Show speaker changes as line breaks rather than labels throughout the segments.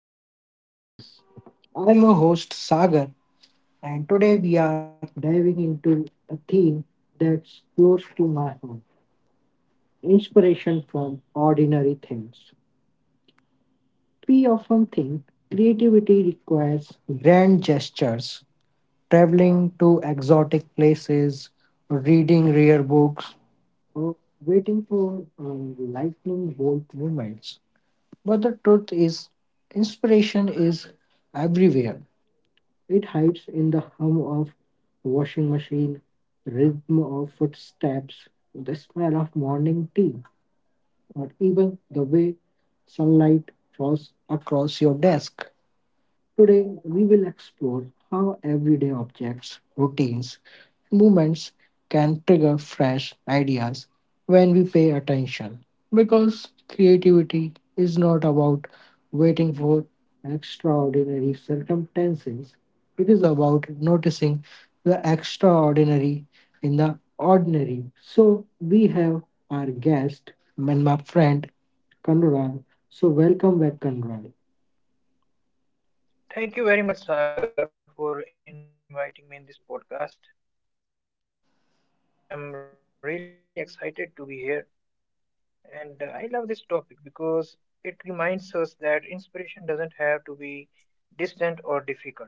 Welcome back to Talk with Pace. I'm your host Sagar, and today we are diving into a theme that's close to my heart, inspiration from ordinary things. We often think creativity requires grand gestures, traveling to exotic places, reading rare books, or waiting for lightning bolt moments. But the truth is, inspiration is everywhere. It hides in the hum of washing machine, rhythm of footsteps, the smell of morning tea, or even the way sunlight falls across your desk. Today, we will explore how everyday objects, routines, movements can trigger fresh ideas when we pay attention. Because creativity is not about waiting for extraordinary circumstances, it is about noticing the extraordinary in the ordinary. So, we have our guest and my friend Kanral. So, welcome back, Kanral.
Thank you very much, Sagar, for inviting me in this podcast. I'm really excited to be here, and I love this topic because it reminds us that inspiration doesn't have to be distant or difficult.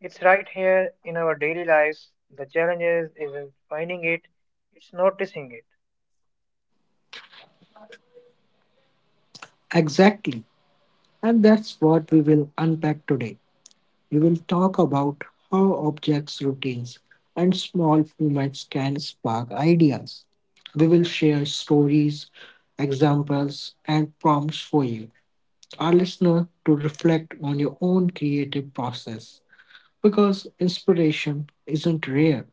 It's right here in our daily lives. The challenge is isn't finding it, it's noticing it.
Exactly. And that's what we will unpack today. We will talk about how objects, routines, and small movements can spark ideas. We will share stories, examples, and prompts for you, our listener, to reflect on your own creative process. Because inspiration isn't rare,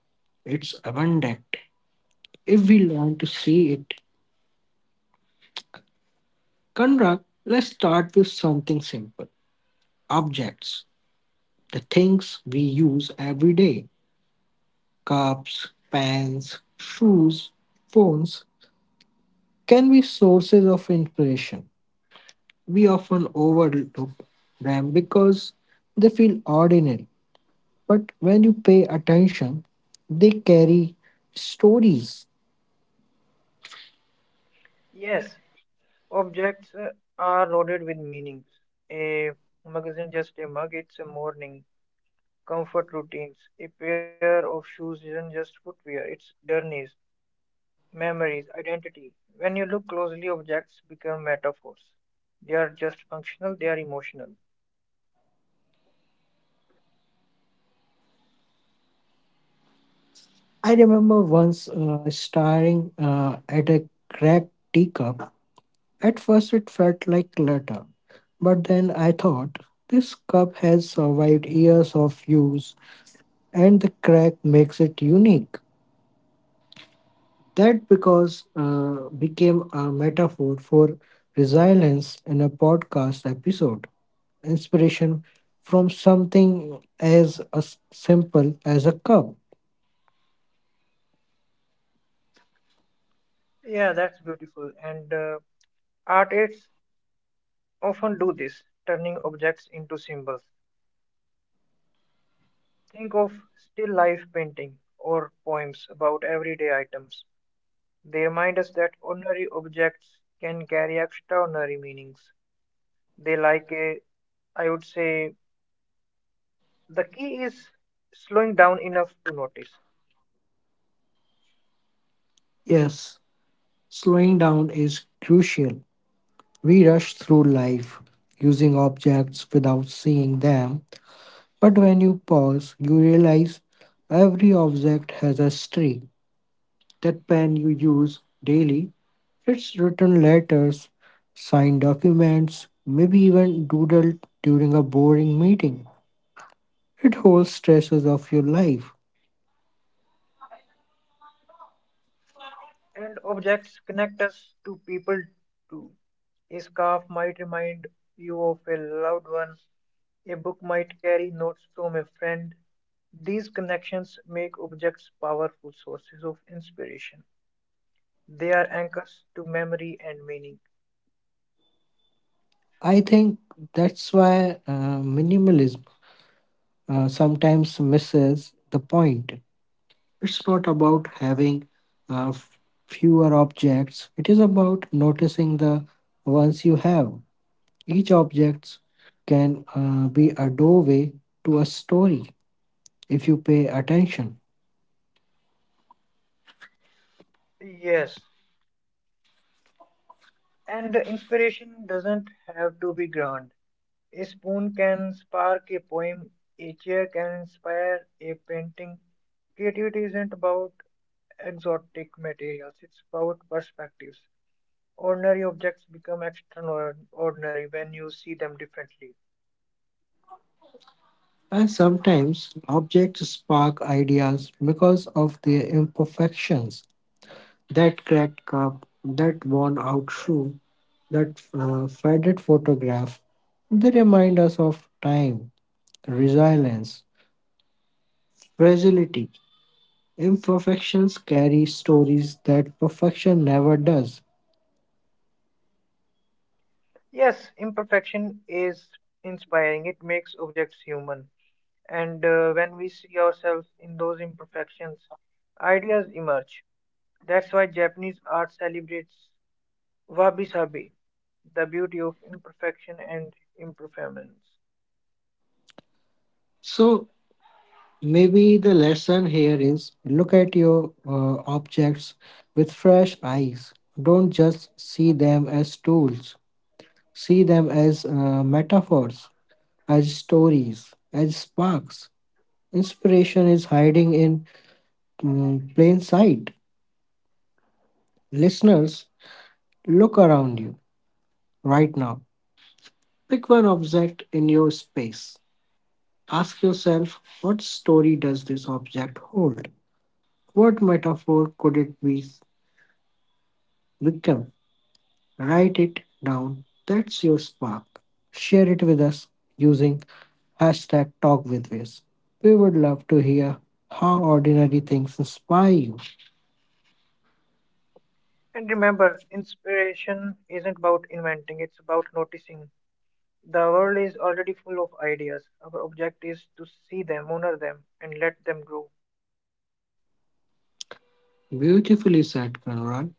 it's abundant if we learn to see it. Conrad, let's start with something simple, objects. The things we use every day, cups, pans, shoes, phones, can be sources of inspiration. We often overlook them because they feel ordinary, but when you pay attention, they carry stories.
Yes, objects are loaded with meanings. A mug isn't just a mug, it's a morning. Comfort routines. A pair of shoes isn't just footwear, it's journeys, memories, identity. When you look closely, objects become metaphors. They are just functional, they are emotional.
I remember once staring at a cracked teacup. At first, it felt like clutter, but then I thought, this cup has survived years of use and the crack makes it unique. That because became a metaphor for resilience in a podcast episode. Inspiration from something as a simple as a cup.
Yeah, that's beautiful. And artists often do this, turning objects into symbols. Think of still life painting or poems about everyday items. They remind us that ordinary objects can carry extraordinary meanings. They like a, I would say, the key is slowing down enough to notice.
Yes, slowing down is crucial. We rush through life using objects without seeing them, but when you pause, you realize every object has a story. That pen you use daily, it's written letters, signed documents, maybe even doodled during a boring meeting. It holds stresses of your life.
And objects connect us to people too. A scarf might remind you of a loved one. A book might carry notes from a friend. These connections make objects powerful sources of inspiration. They are anchors to memory and meaning.
I think that's why minimalism sometimes misses the point. It's not about having uh, f- fewer objects, it is about noticing the ones you have. Each object can be a doorway to a story if you pay attention.
Yes, and the inspiration doesn't have to be grand. A spoon can spark a poem, a chair can inspire a painting. Creativity isn't about exotic materials, it's about perspectives. Ordinary objects become extraordinary when you see them differently.
And sometimes objects spark ideas because of their imperfections. That cracked cup, that worn out shoe, that faded photograph, they remind us of time, resilience, fragility. Imperfections carry stories that perfection never does.
Yes, imperfection is inspiring, it makes objects human. And when we see ourselves in those imperfections, ideas emerge. That's why Japanese art celebrates wabi-sabi, the beauty of imperfection and impermanence.
So, maybe the lesson here is look at your objects with fresh eyes. Don't just see them as tools, see them as metaphors, as stories, as sparks. Inspiration is hiding in plain sight. Listeners, look around you right now. Pick one object in your space. Ask yourself, what story does this object hold? What metaphor could it be become? Write it down. That's your spark. Share it with us using hashtag talk. We would love to hear how ordinary things inspire you.
And remember, inspiration isn't about inventing, it's about noticing. The world is already full of ideas. Our object is to see them, honor them, and let them grow.
Beautifully said, Kanuran.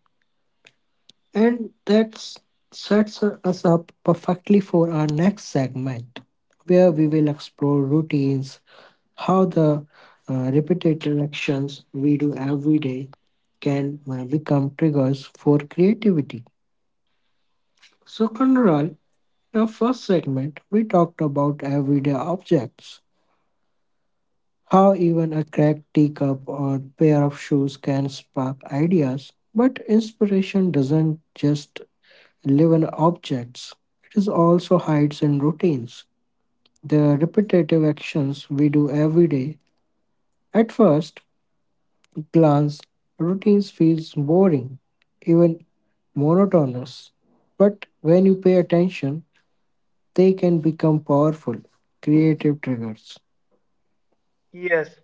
And that sets us up perfectly for our next segment, where we will explore routines, how the repetitive actions we do every day can become triggers for creativity. So, Kanural, in our first segment, we talked about everyday objects, how even a cracked teacup or pair of shoes can spark ideas, but inspiration doesn't just live in objects, it is also hides in routines, the repetitive actions we do every day. At first glance, routines feels boring, even monotonous, but when you pay attention, they can become powerful, creative triggers.
Yes,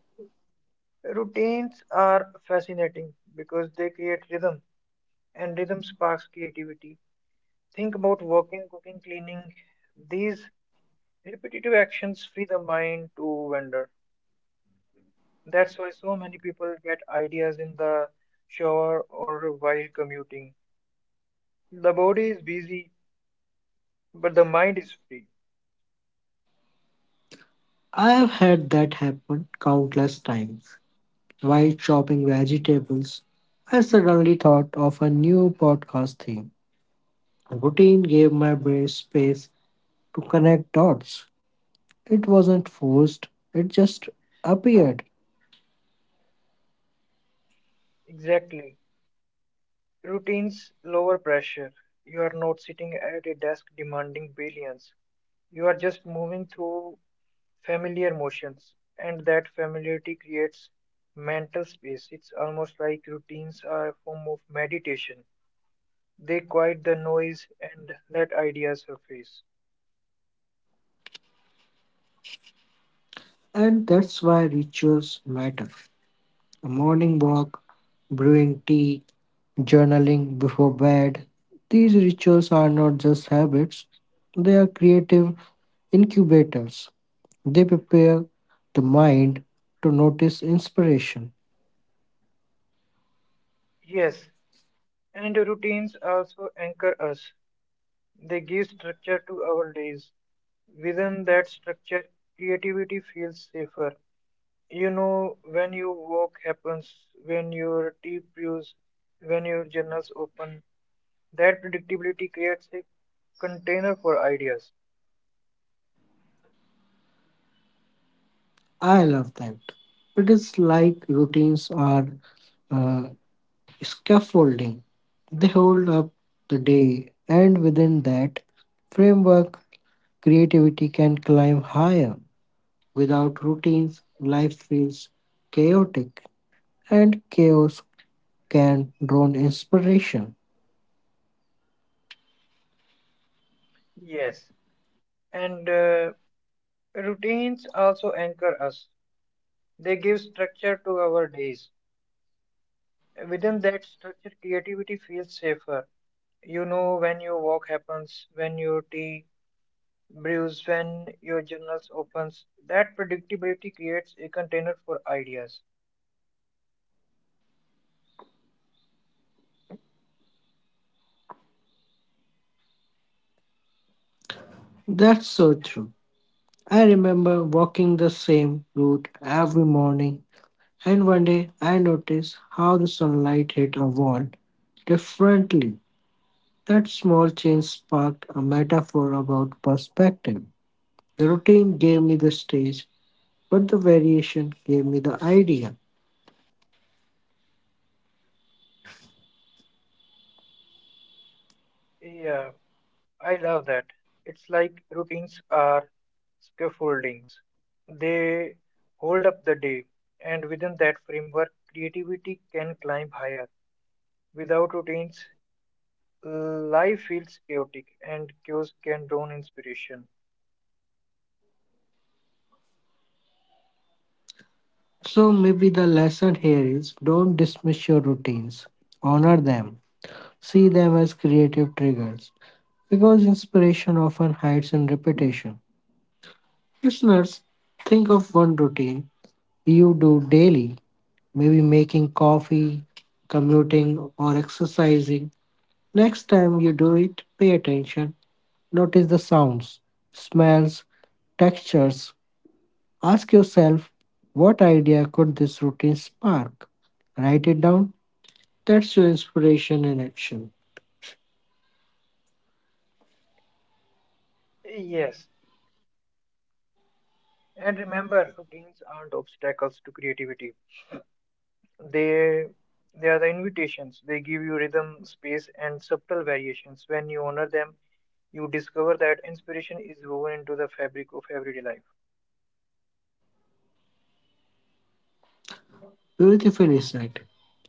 routines are fascinating because they create rhythm, and rhythm sparks creativity. Think about walking, cooking, cleaning. These repetitive actions free the mind to wander. That's why so many people get ideas in the shower or while commuting. The body is busy, but the mind is free.
I have had that happen countless times. While chopping vegetables, I suddenly thought of a new podcast theme. Routine gave my brain space to connect dots. It wasn't forced, it just appeared.
Exactly. Routines lower pressure. You are not sitting at a desk demanding billions. You are just moving through familiar motions, and that familiarity creates mental space. It's almost like routines are a form of meditation. They quiet the noise and let ideas surface.
And that's why rituals matter. A morning walk, brewing tea, journaling before bed. These rituals are not just habits, they are creative incubators. They prepare the mind to notice inspiration.
Yes, and routines also anchor us. They give structure to our days. Within that structure, creativity feels safer. You know, when your walk happens, when your tea brews, when your journals open, that predictability creates a container for ideas.
I love that. It is like routines are uh, scaffolding. They hold up the day, and within that framework, creativity can climb higher. Without routines, life feels chaotic, and chaos can drown inspiration.
Yes, and routines also anchor us. They give structure to our days. Within that structure, creativity feels safer. You know when your walk happens, when your tea brews, when your journals opens. That predictability creates a container for ideas.
That's so true. I remember walking the same route every morning, and one day I noticed how the sunlight hit a wall differently. That small change sparked a metaphor about perspective. The routine gave me the stage, but the variation gave me the idea.
Yeah, I love that. It's like routines are scaffoldings. They hold up the day, and within that framework, creativity can climb higher. Without routines, life feels chaotic, and chaos can drown inspiration.
So maybe the lesson here is don't dismiss your routines, honor them, see them as creative triggers, because inspiration often hides in repetition. Listeners, think of one routine you do daily, maybe making coffee, commuting, or exercising. Next time you do it, pay attention. Notice the sounds, smells, textures. Ask yourself, what idea could this routine spark? Write it down. That's your inspiration in action.
Yes, and remember, routines aren't obstacles to creativity. They they are the invitations. They give you rhythm, space, and subtle variations. When you honor them, you discover that inspiration is woven into the fabric of everyday life.
Beautifully said.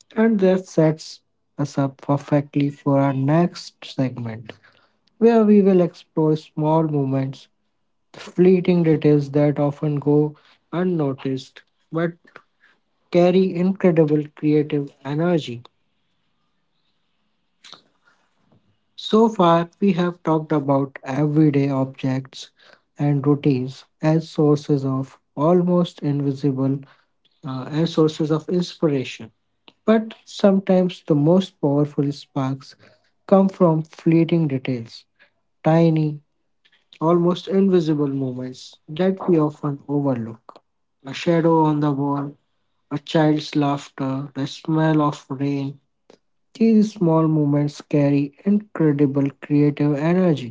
And that sets us up perfectly for our next segment, where we will explore small moments, fleeting details that often go unnoticed but carry incredible creative energy. So far, we have talked about everyday objects and routines as sources of almost invisible as sources of inspiration. But sometimes the most powerful sparks come from fleeting details, tiny, almost invisible moments that we often overlook. A shadow on the wall, a child's laughter, the smell of rain. These small moments carry incredible creative energy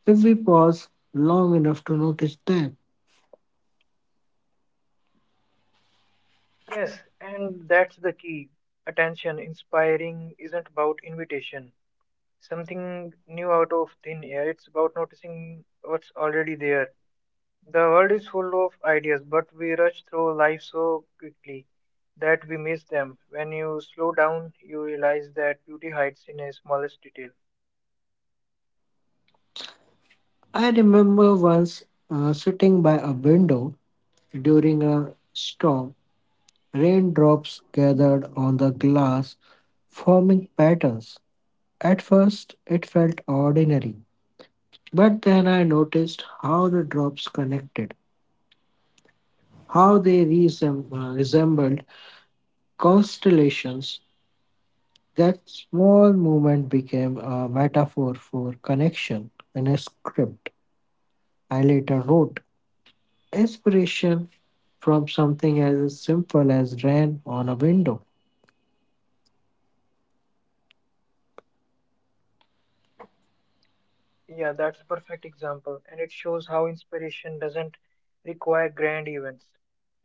if we pause long enough to notice them.
Yes, and that's the key. Attention, inspiring isn't about invitation, something new out of thin air. It's about noticing what's already there. The world is full of ideas, but we rush through life so quickly that we miss them. When you slow down, you realize that beauty hides in a smallest detail.
I remember once sitting by a window during a storm. Raindrops gathered on the glass, forming patterns. At first, it felt ordinary, but then I noticed how the drops connected, how they resembled constellations. That small movement became a metaphor for connection in a script I later wrote. Inspiration from something as simple as rain on a window.
Yeah, that's a perfect example, and it shows how inspiration doesn't require grand events.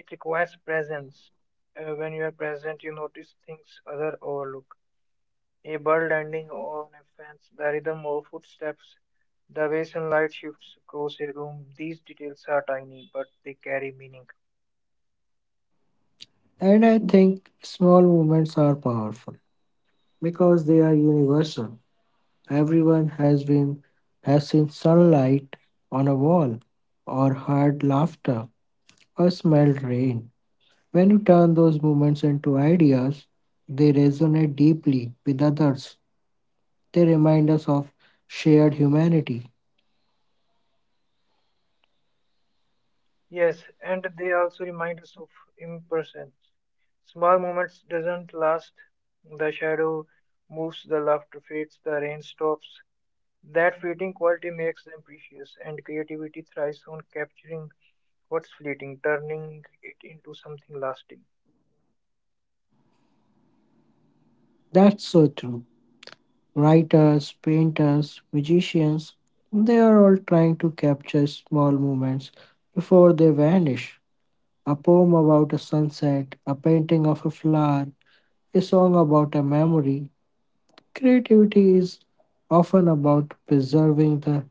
It requires presence. When you are present, you notice things other overlook. A bird landing on a fence, the rhythm of footsteps, the way sunlight shifts across a room. These details are tiny, but they carry meaning.
And I think small movements are powerful because they are universal. Everyone has been has seen sunlight on a wall or heard laughter or smelled rain. When you turn those moments into ideas, they resonate deeply with others. They remind us of shared humanity.
Yes, and they also remind us of impersonance. Small moments doesn't last. The shadow moves, the laughter fades, the rain stops. That fleeting quality makes them precious, and creativity thrives on capturing what's fleeting, turning it into something lasting.
That's so true. Writers, painters, magicians, they are all trying to capture small moments before they vanish. A poem about a sunset, a painting of a flower, a song about a memory. Creativity is often about preserving the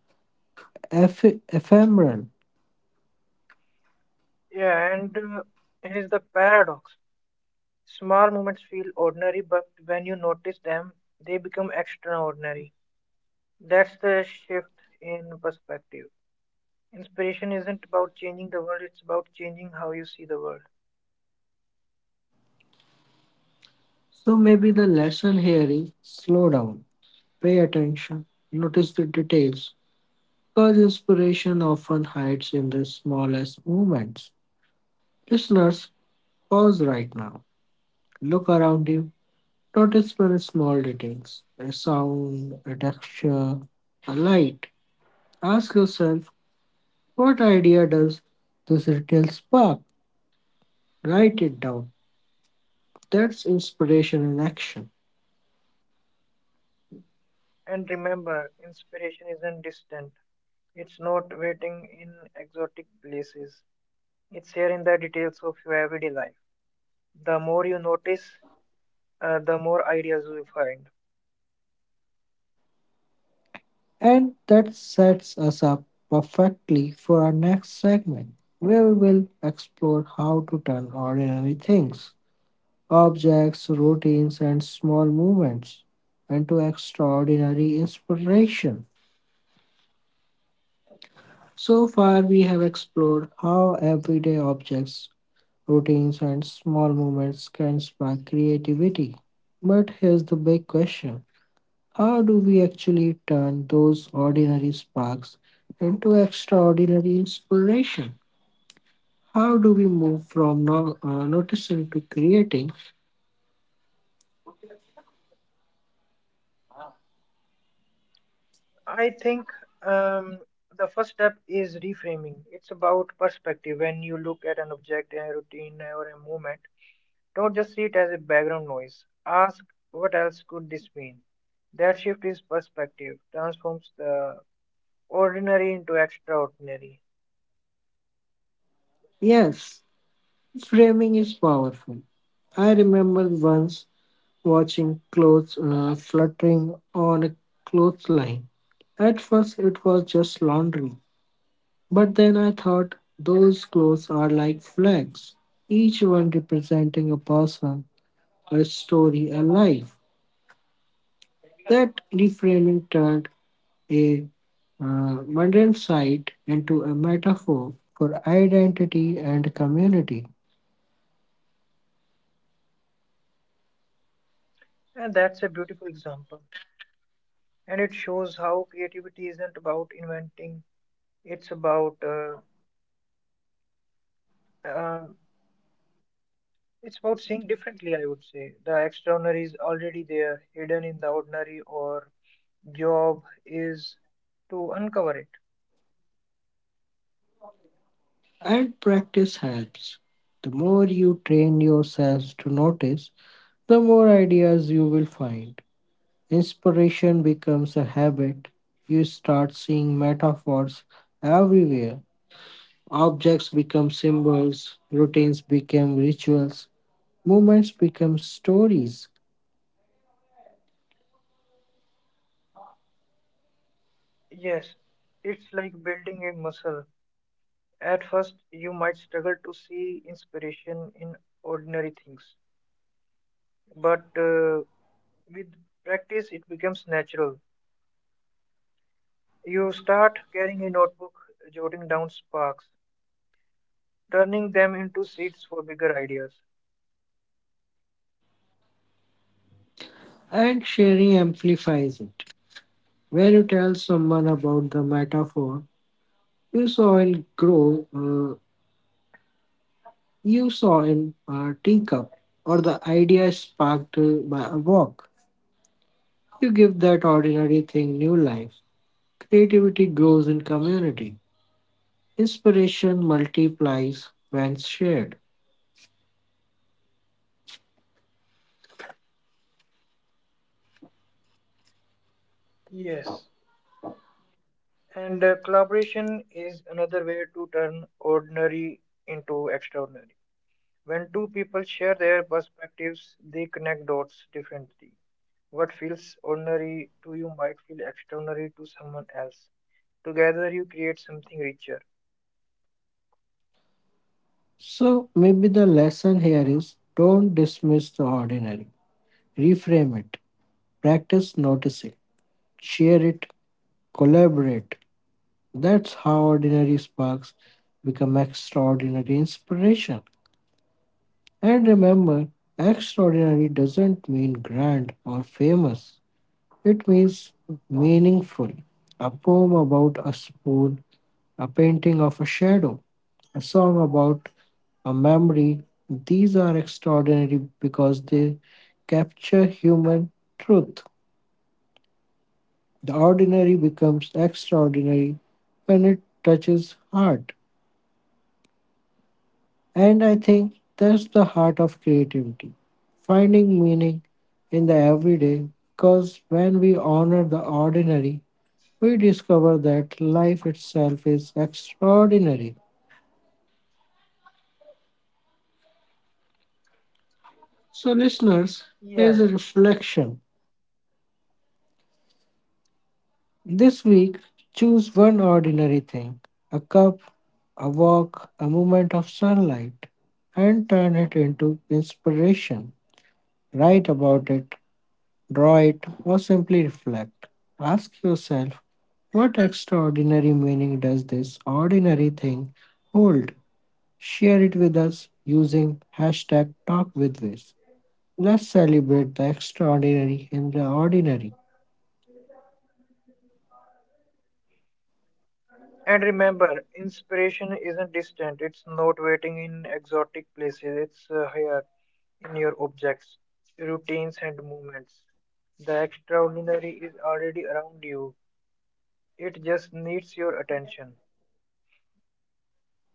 ephemeral.
Yeah, and here's the paradox. Small moments feel ordinary, but when you notice them, they become extraordinary. That's the shift in perspective. Inspiration isn't about changing the world, it's about changing how you see the world.
So maybe the lesson here is slow down, pay attention, notice the details, because inspiration often hides in the smallest movements. Listeners, pause right now. Look around you. Notice very small details, a sound, a texture, a light. Ask yourself, what idea does this detail spark? Write it down. That's inspiration in action.
And remember, inspiration isn't distant. It's not waiting in exotic places. It's here in the details of your everyday life. The more you notice, the more ideas you find.
And that sets us up perfectly for our next segment, where we will explore how to turn ordinary things, objects, routines, and small movements into extraordinary inspiration. So far, we have explored how everyday objects, routines, and small movements can spark creativity. But here's the big question, how do we actually turn those ordinary sparks into extraordinary inspiration? How do we move from no, noticing to creating?
I think um, the first step is reframing. It's about perspective. When you look at an object, a routine, or a movement, don't just see it as a background noise. Ask what else could this mean? That shift is perspective, transforms the ordinary into extraordinary.
Yes, framing is powerful. I remember once watching clothes fluttering on a clothesline. At first, it was just laundry, but then I thought those clothes are like flags, each one representing a person, a story, a life. That reframing turned a mundane site into a metaphor for identity and community.
And that's a beautiful example. And it shows how creativity isn't about inventing, it's about uh, uh, it's about seeing differently, I would say. The extraordinary is already there, hidden in the ordinary, or job is to uncover it.
And practice helps. The more you train yourselves to notice, the more ideas you will find. Inspiration becomes a habit. You start seeing metaphors everywhere. Objects become symbols, routines become rituals, moments become stories.
Yes, it's like building a muscle. At first, you might struggle to see inspiration in ordinary things, but with practice, it becomes natural. You start carrying a notebook, jotting down sparks, turning them into seeds for bigger ideas.
And sharing amplifies it. When you tell someone about the metaphor you saw in grow, uh, you saw in a teacup, or the idea sparked by a walk, you give that ordinary thing new life. Creativity grows in community. Inspiration multiplies when shared.
Yes, and collaboration is another way to turn ordinary into extraordinary. When two people share their perspectives, they connect dots differently. What feels ordinary to you might feel extraordinary to someone else. Together you create something richer.
So maybe the lesson here is don't dismiss the ordinary. Reframe it. Practice noticing. Share it. Collaborate. That's how ordinary sparks become extraordinary inspiration. And remember, extraordinary doesn't mean grand or famous, it means meaningful. A poem about a spoon, a painting of a shadow, a song about a memory, these are extraordinary because they capture human truth. The ordinary becomes extraordinary when it touches heart. And I think that's the heart of creativity, finding meaning in the everyday. Because when we honor the ordinary, we discover that life itself is extraordinary. So, listeners,
Yeah.
here's a reflection. This week, choose one ordinary thing, a cup, a walk, a moment of sunlight, and turn it into inspiration. Write about it, draw it, or simply reflect. Ask yourself, what extraordinary meaning does this ordinary thing hold? Share it with us using hashtag talk. Let's celebrate the extraordinary in the ordinary.
And remember, inspiration isn't distant. It's not waiting in exotic places. It's here in your objects, routines, and movements. The extraordinary is already around you. It just needs your attention.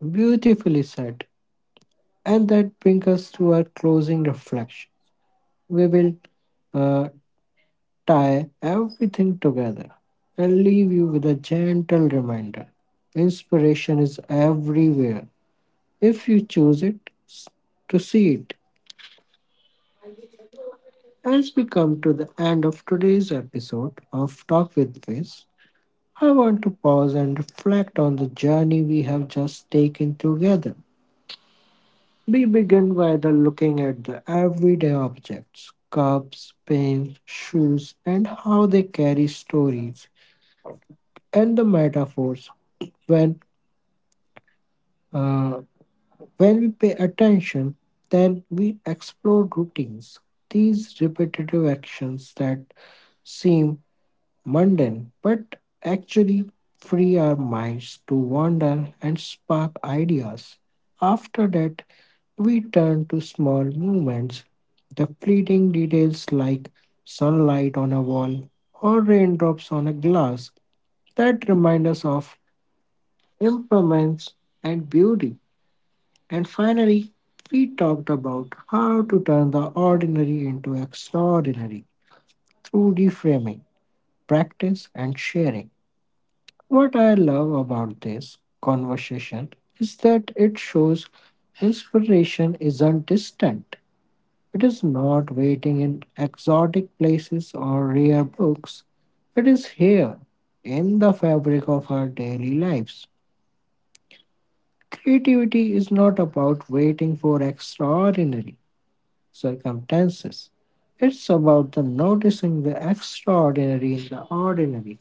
Beautifully said. And that brings us to our closing reflection. We will uh, tie everything together and leave you with a gentle reminder. Inspiration is everywhere if you choose to see it. As we come to the end of today's episode of Talk with Viz, I want to pause and reflect on the journey we have just taken together. We begin by the looking at the everyday objects, cups, pens, shoes, and how they carry stories and the metaphors when uh, when we pay attention. Then we explore routines, these repetitive actions that seem mundane but actually free our minds to wander and spark ideas. After that, we turn to small movements, the fleeting details like sunlight on a wall or raindrops on a glass that remind us of impermanence and beauty. And finally, we talked about how to turn the ordinary into extraordinary through reframing, practice, and sharing. What I love about this conversation is that it shows inspiration isn't distant, it is not waiting in exotic places or rare books, it is here in the fabric of our daily lives. Creativity is not about waiting for extraordinary circumstances. It's about the noticing the extraordinary in the ordinary.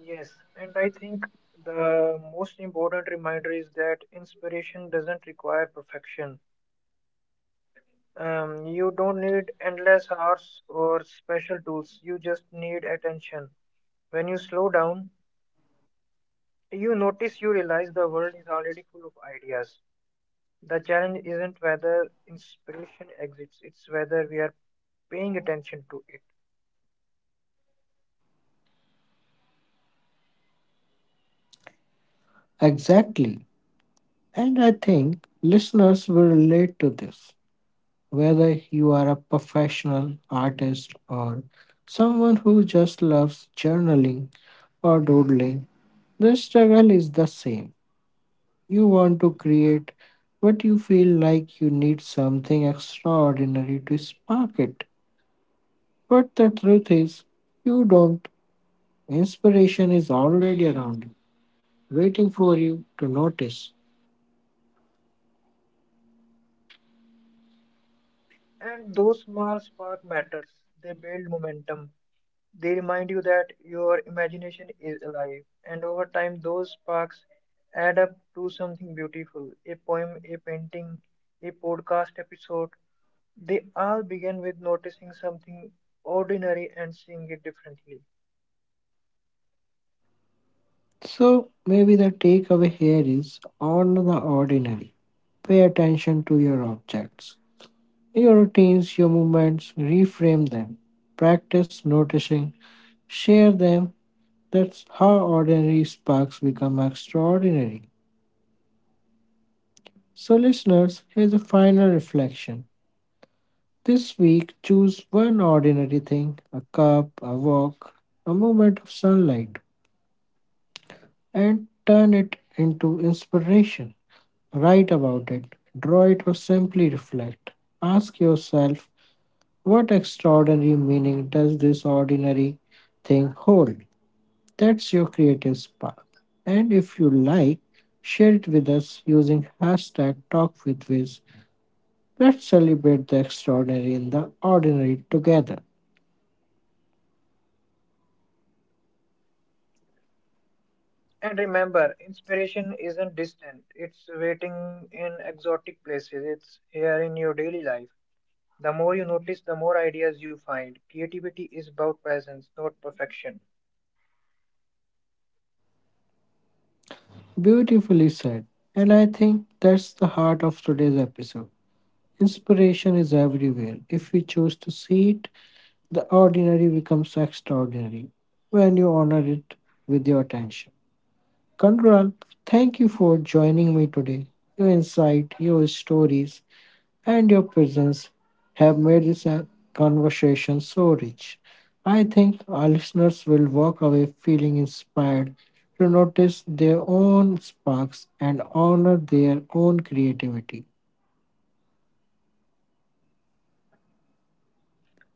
Yes, and I think the most important reminder is that inspiration doesn't require perfection. You don't need endless hours or special tools. You just need attention. When you slow down, you notice you realize the world is already full of ideas. The challenge isn't whether inspiration exists, it's whether we are paying attention to it.
Exactly. And I think listeners will relate to this. Whether you are a professional artist or someone who just loves journaling or doodling, the struggle is the same. You want to create, but you feel like you need something extraordinary to spark it. But the truth is, you don't. Inspiration is already around you, waiting for you to notice.
And those small spark matters. They build momentum. They remind you that your imagination is alive. And over time, those sparks add up to something beautiful. A poem, a painting, a podcast episode. They all begin with noticing something ordinary and seeing it differently.
So, maybe the takeaway here is on the ordinary. Pay attention to your objects, your routines, your movements, reframe them. Practice noticing, share them. That's how ordinary sparks become extraordinary. So, listeners, here's a final reflection. This week, choose one ordinary thing, a cup, a walk, a moment of sunlight, and turn it into inspiration. Write about it, draw it, or simply reflect. Ask yourself, what extraordinary meaning does this ordinary thing hold? That's your creative spark. And if you like, share it with us using hashtag TalkWithWiz. Let's celebrate the extraordinary in the ordinary together.
And remember, inspiration isn't distant, it's waiting in exotic places, it's here in your daily life. The more you notice, the more ideas you find. Creativity is about presence, not perfection.
Beautifully said. And I think that's the heart of today's episode. Inspiration is everywhere. If we choose to see it, the ordinary becomes extraordinary when you honor it with your attention. Kandral, thank you for joining me today. Your insight, your stories, and your presence have made this conversation so rich. I think our listeners will walk away feeling inspired to notice their own sparks and honor their own creativity.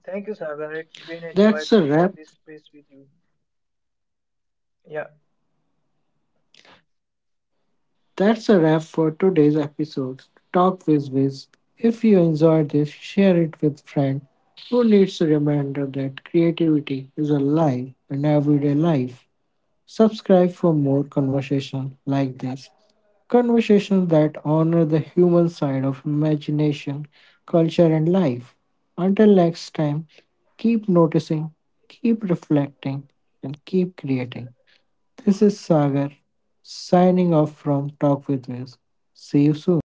Thank you, Sagar. It's been a joy
That's
to
a
share
wrap
this space with you. Yeah,
That's a wrap for today's episode. Talk with Wiz. If you enjoyed this, share it with friend who needs a reminder that creativity is alive in everyday life. Subscribe for more conversation like this. Conversations that honor the human side of imagination, culture, and life. Until next time, keep noticing, keep reflecting, and keep creating. This is Sagar signing off from Talk with Wiz. See you soon.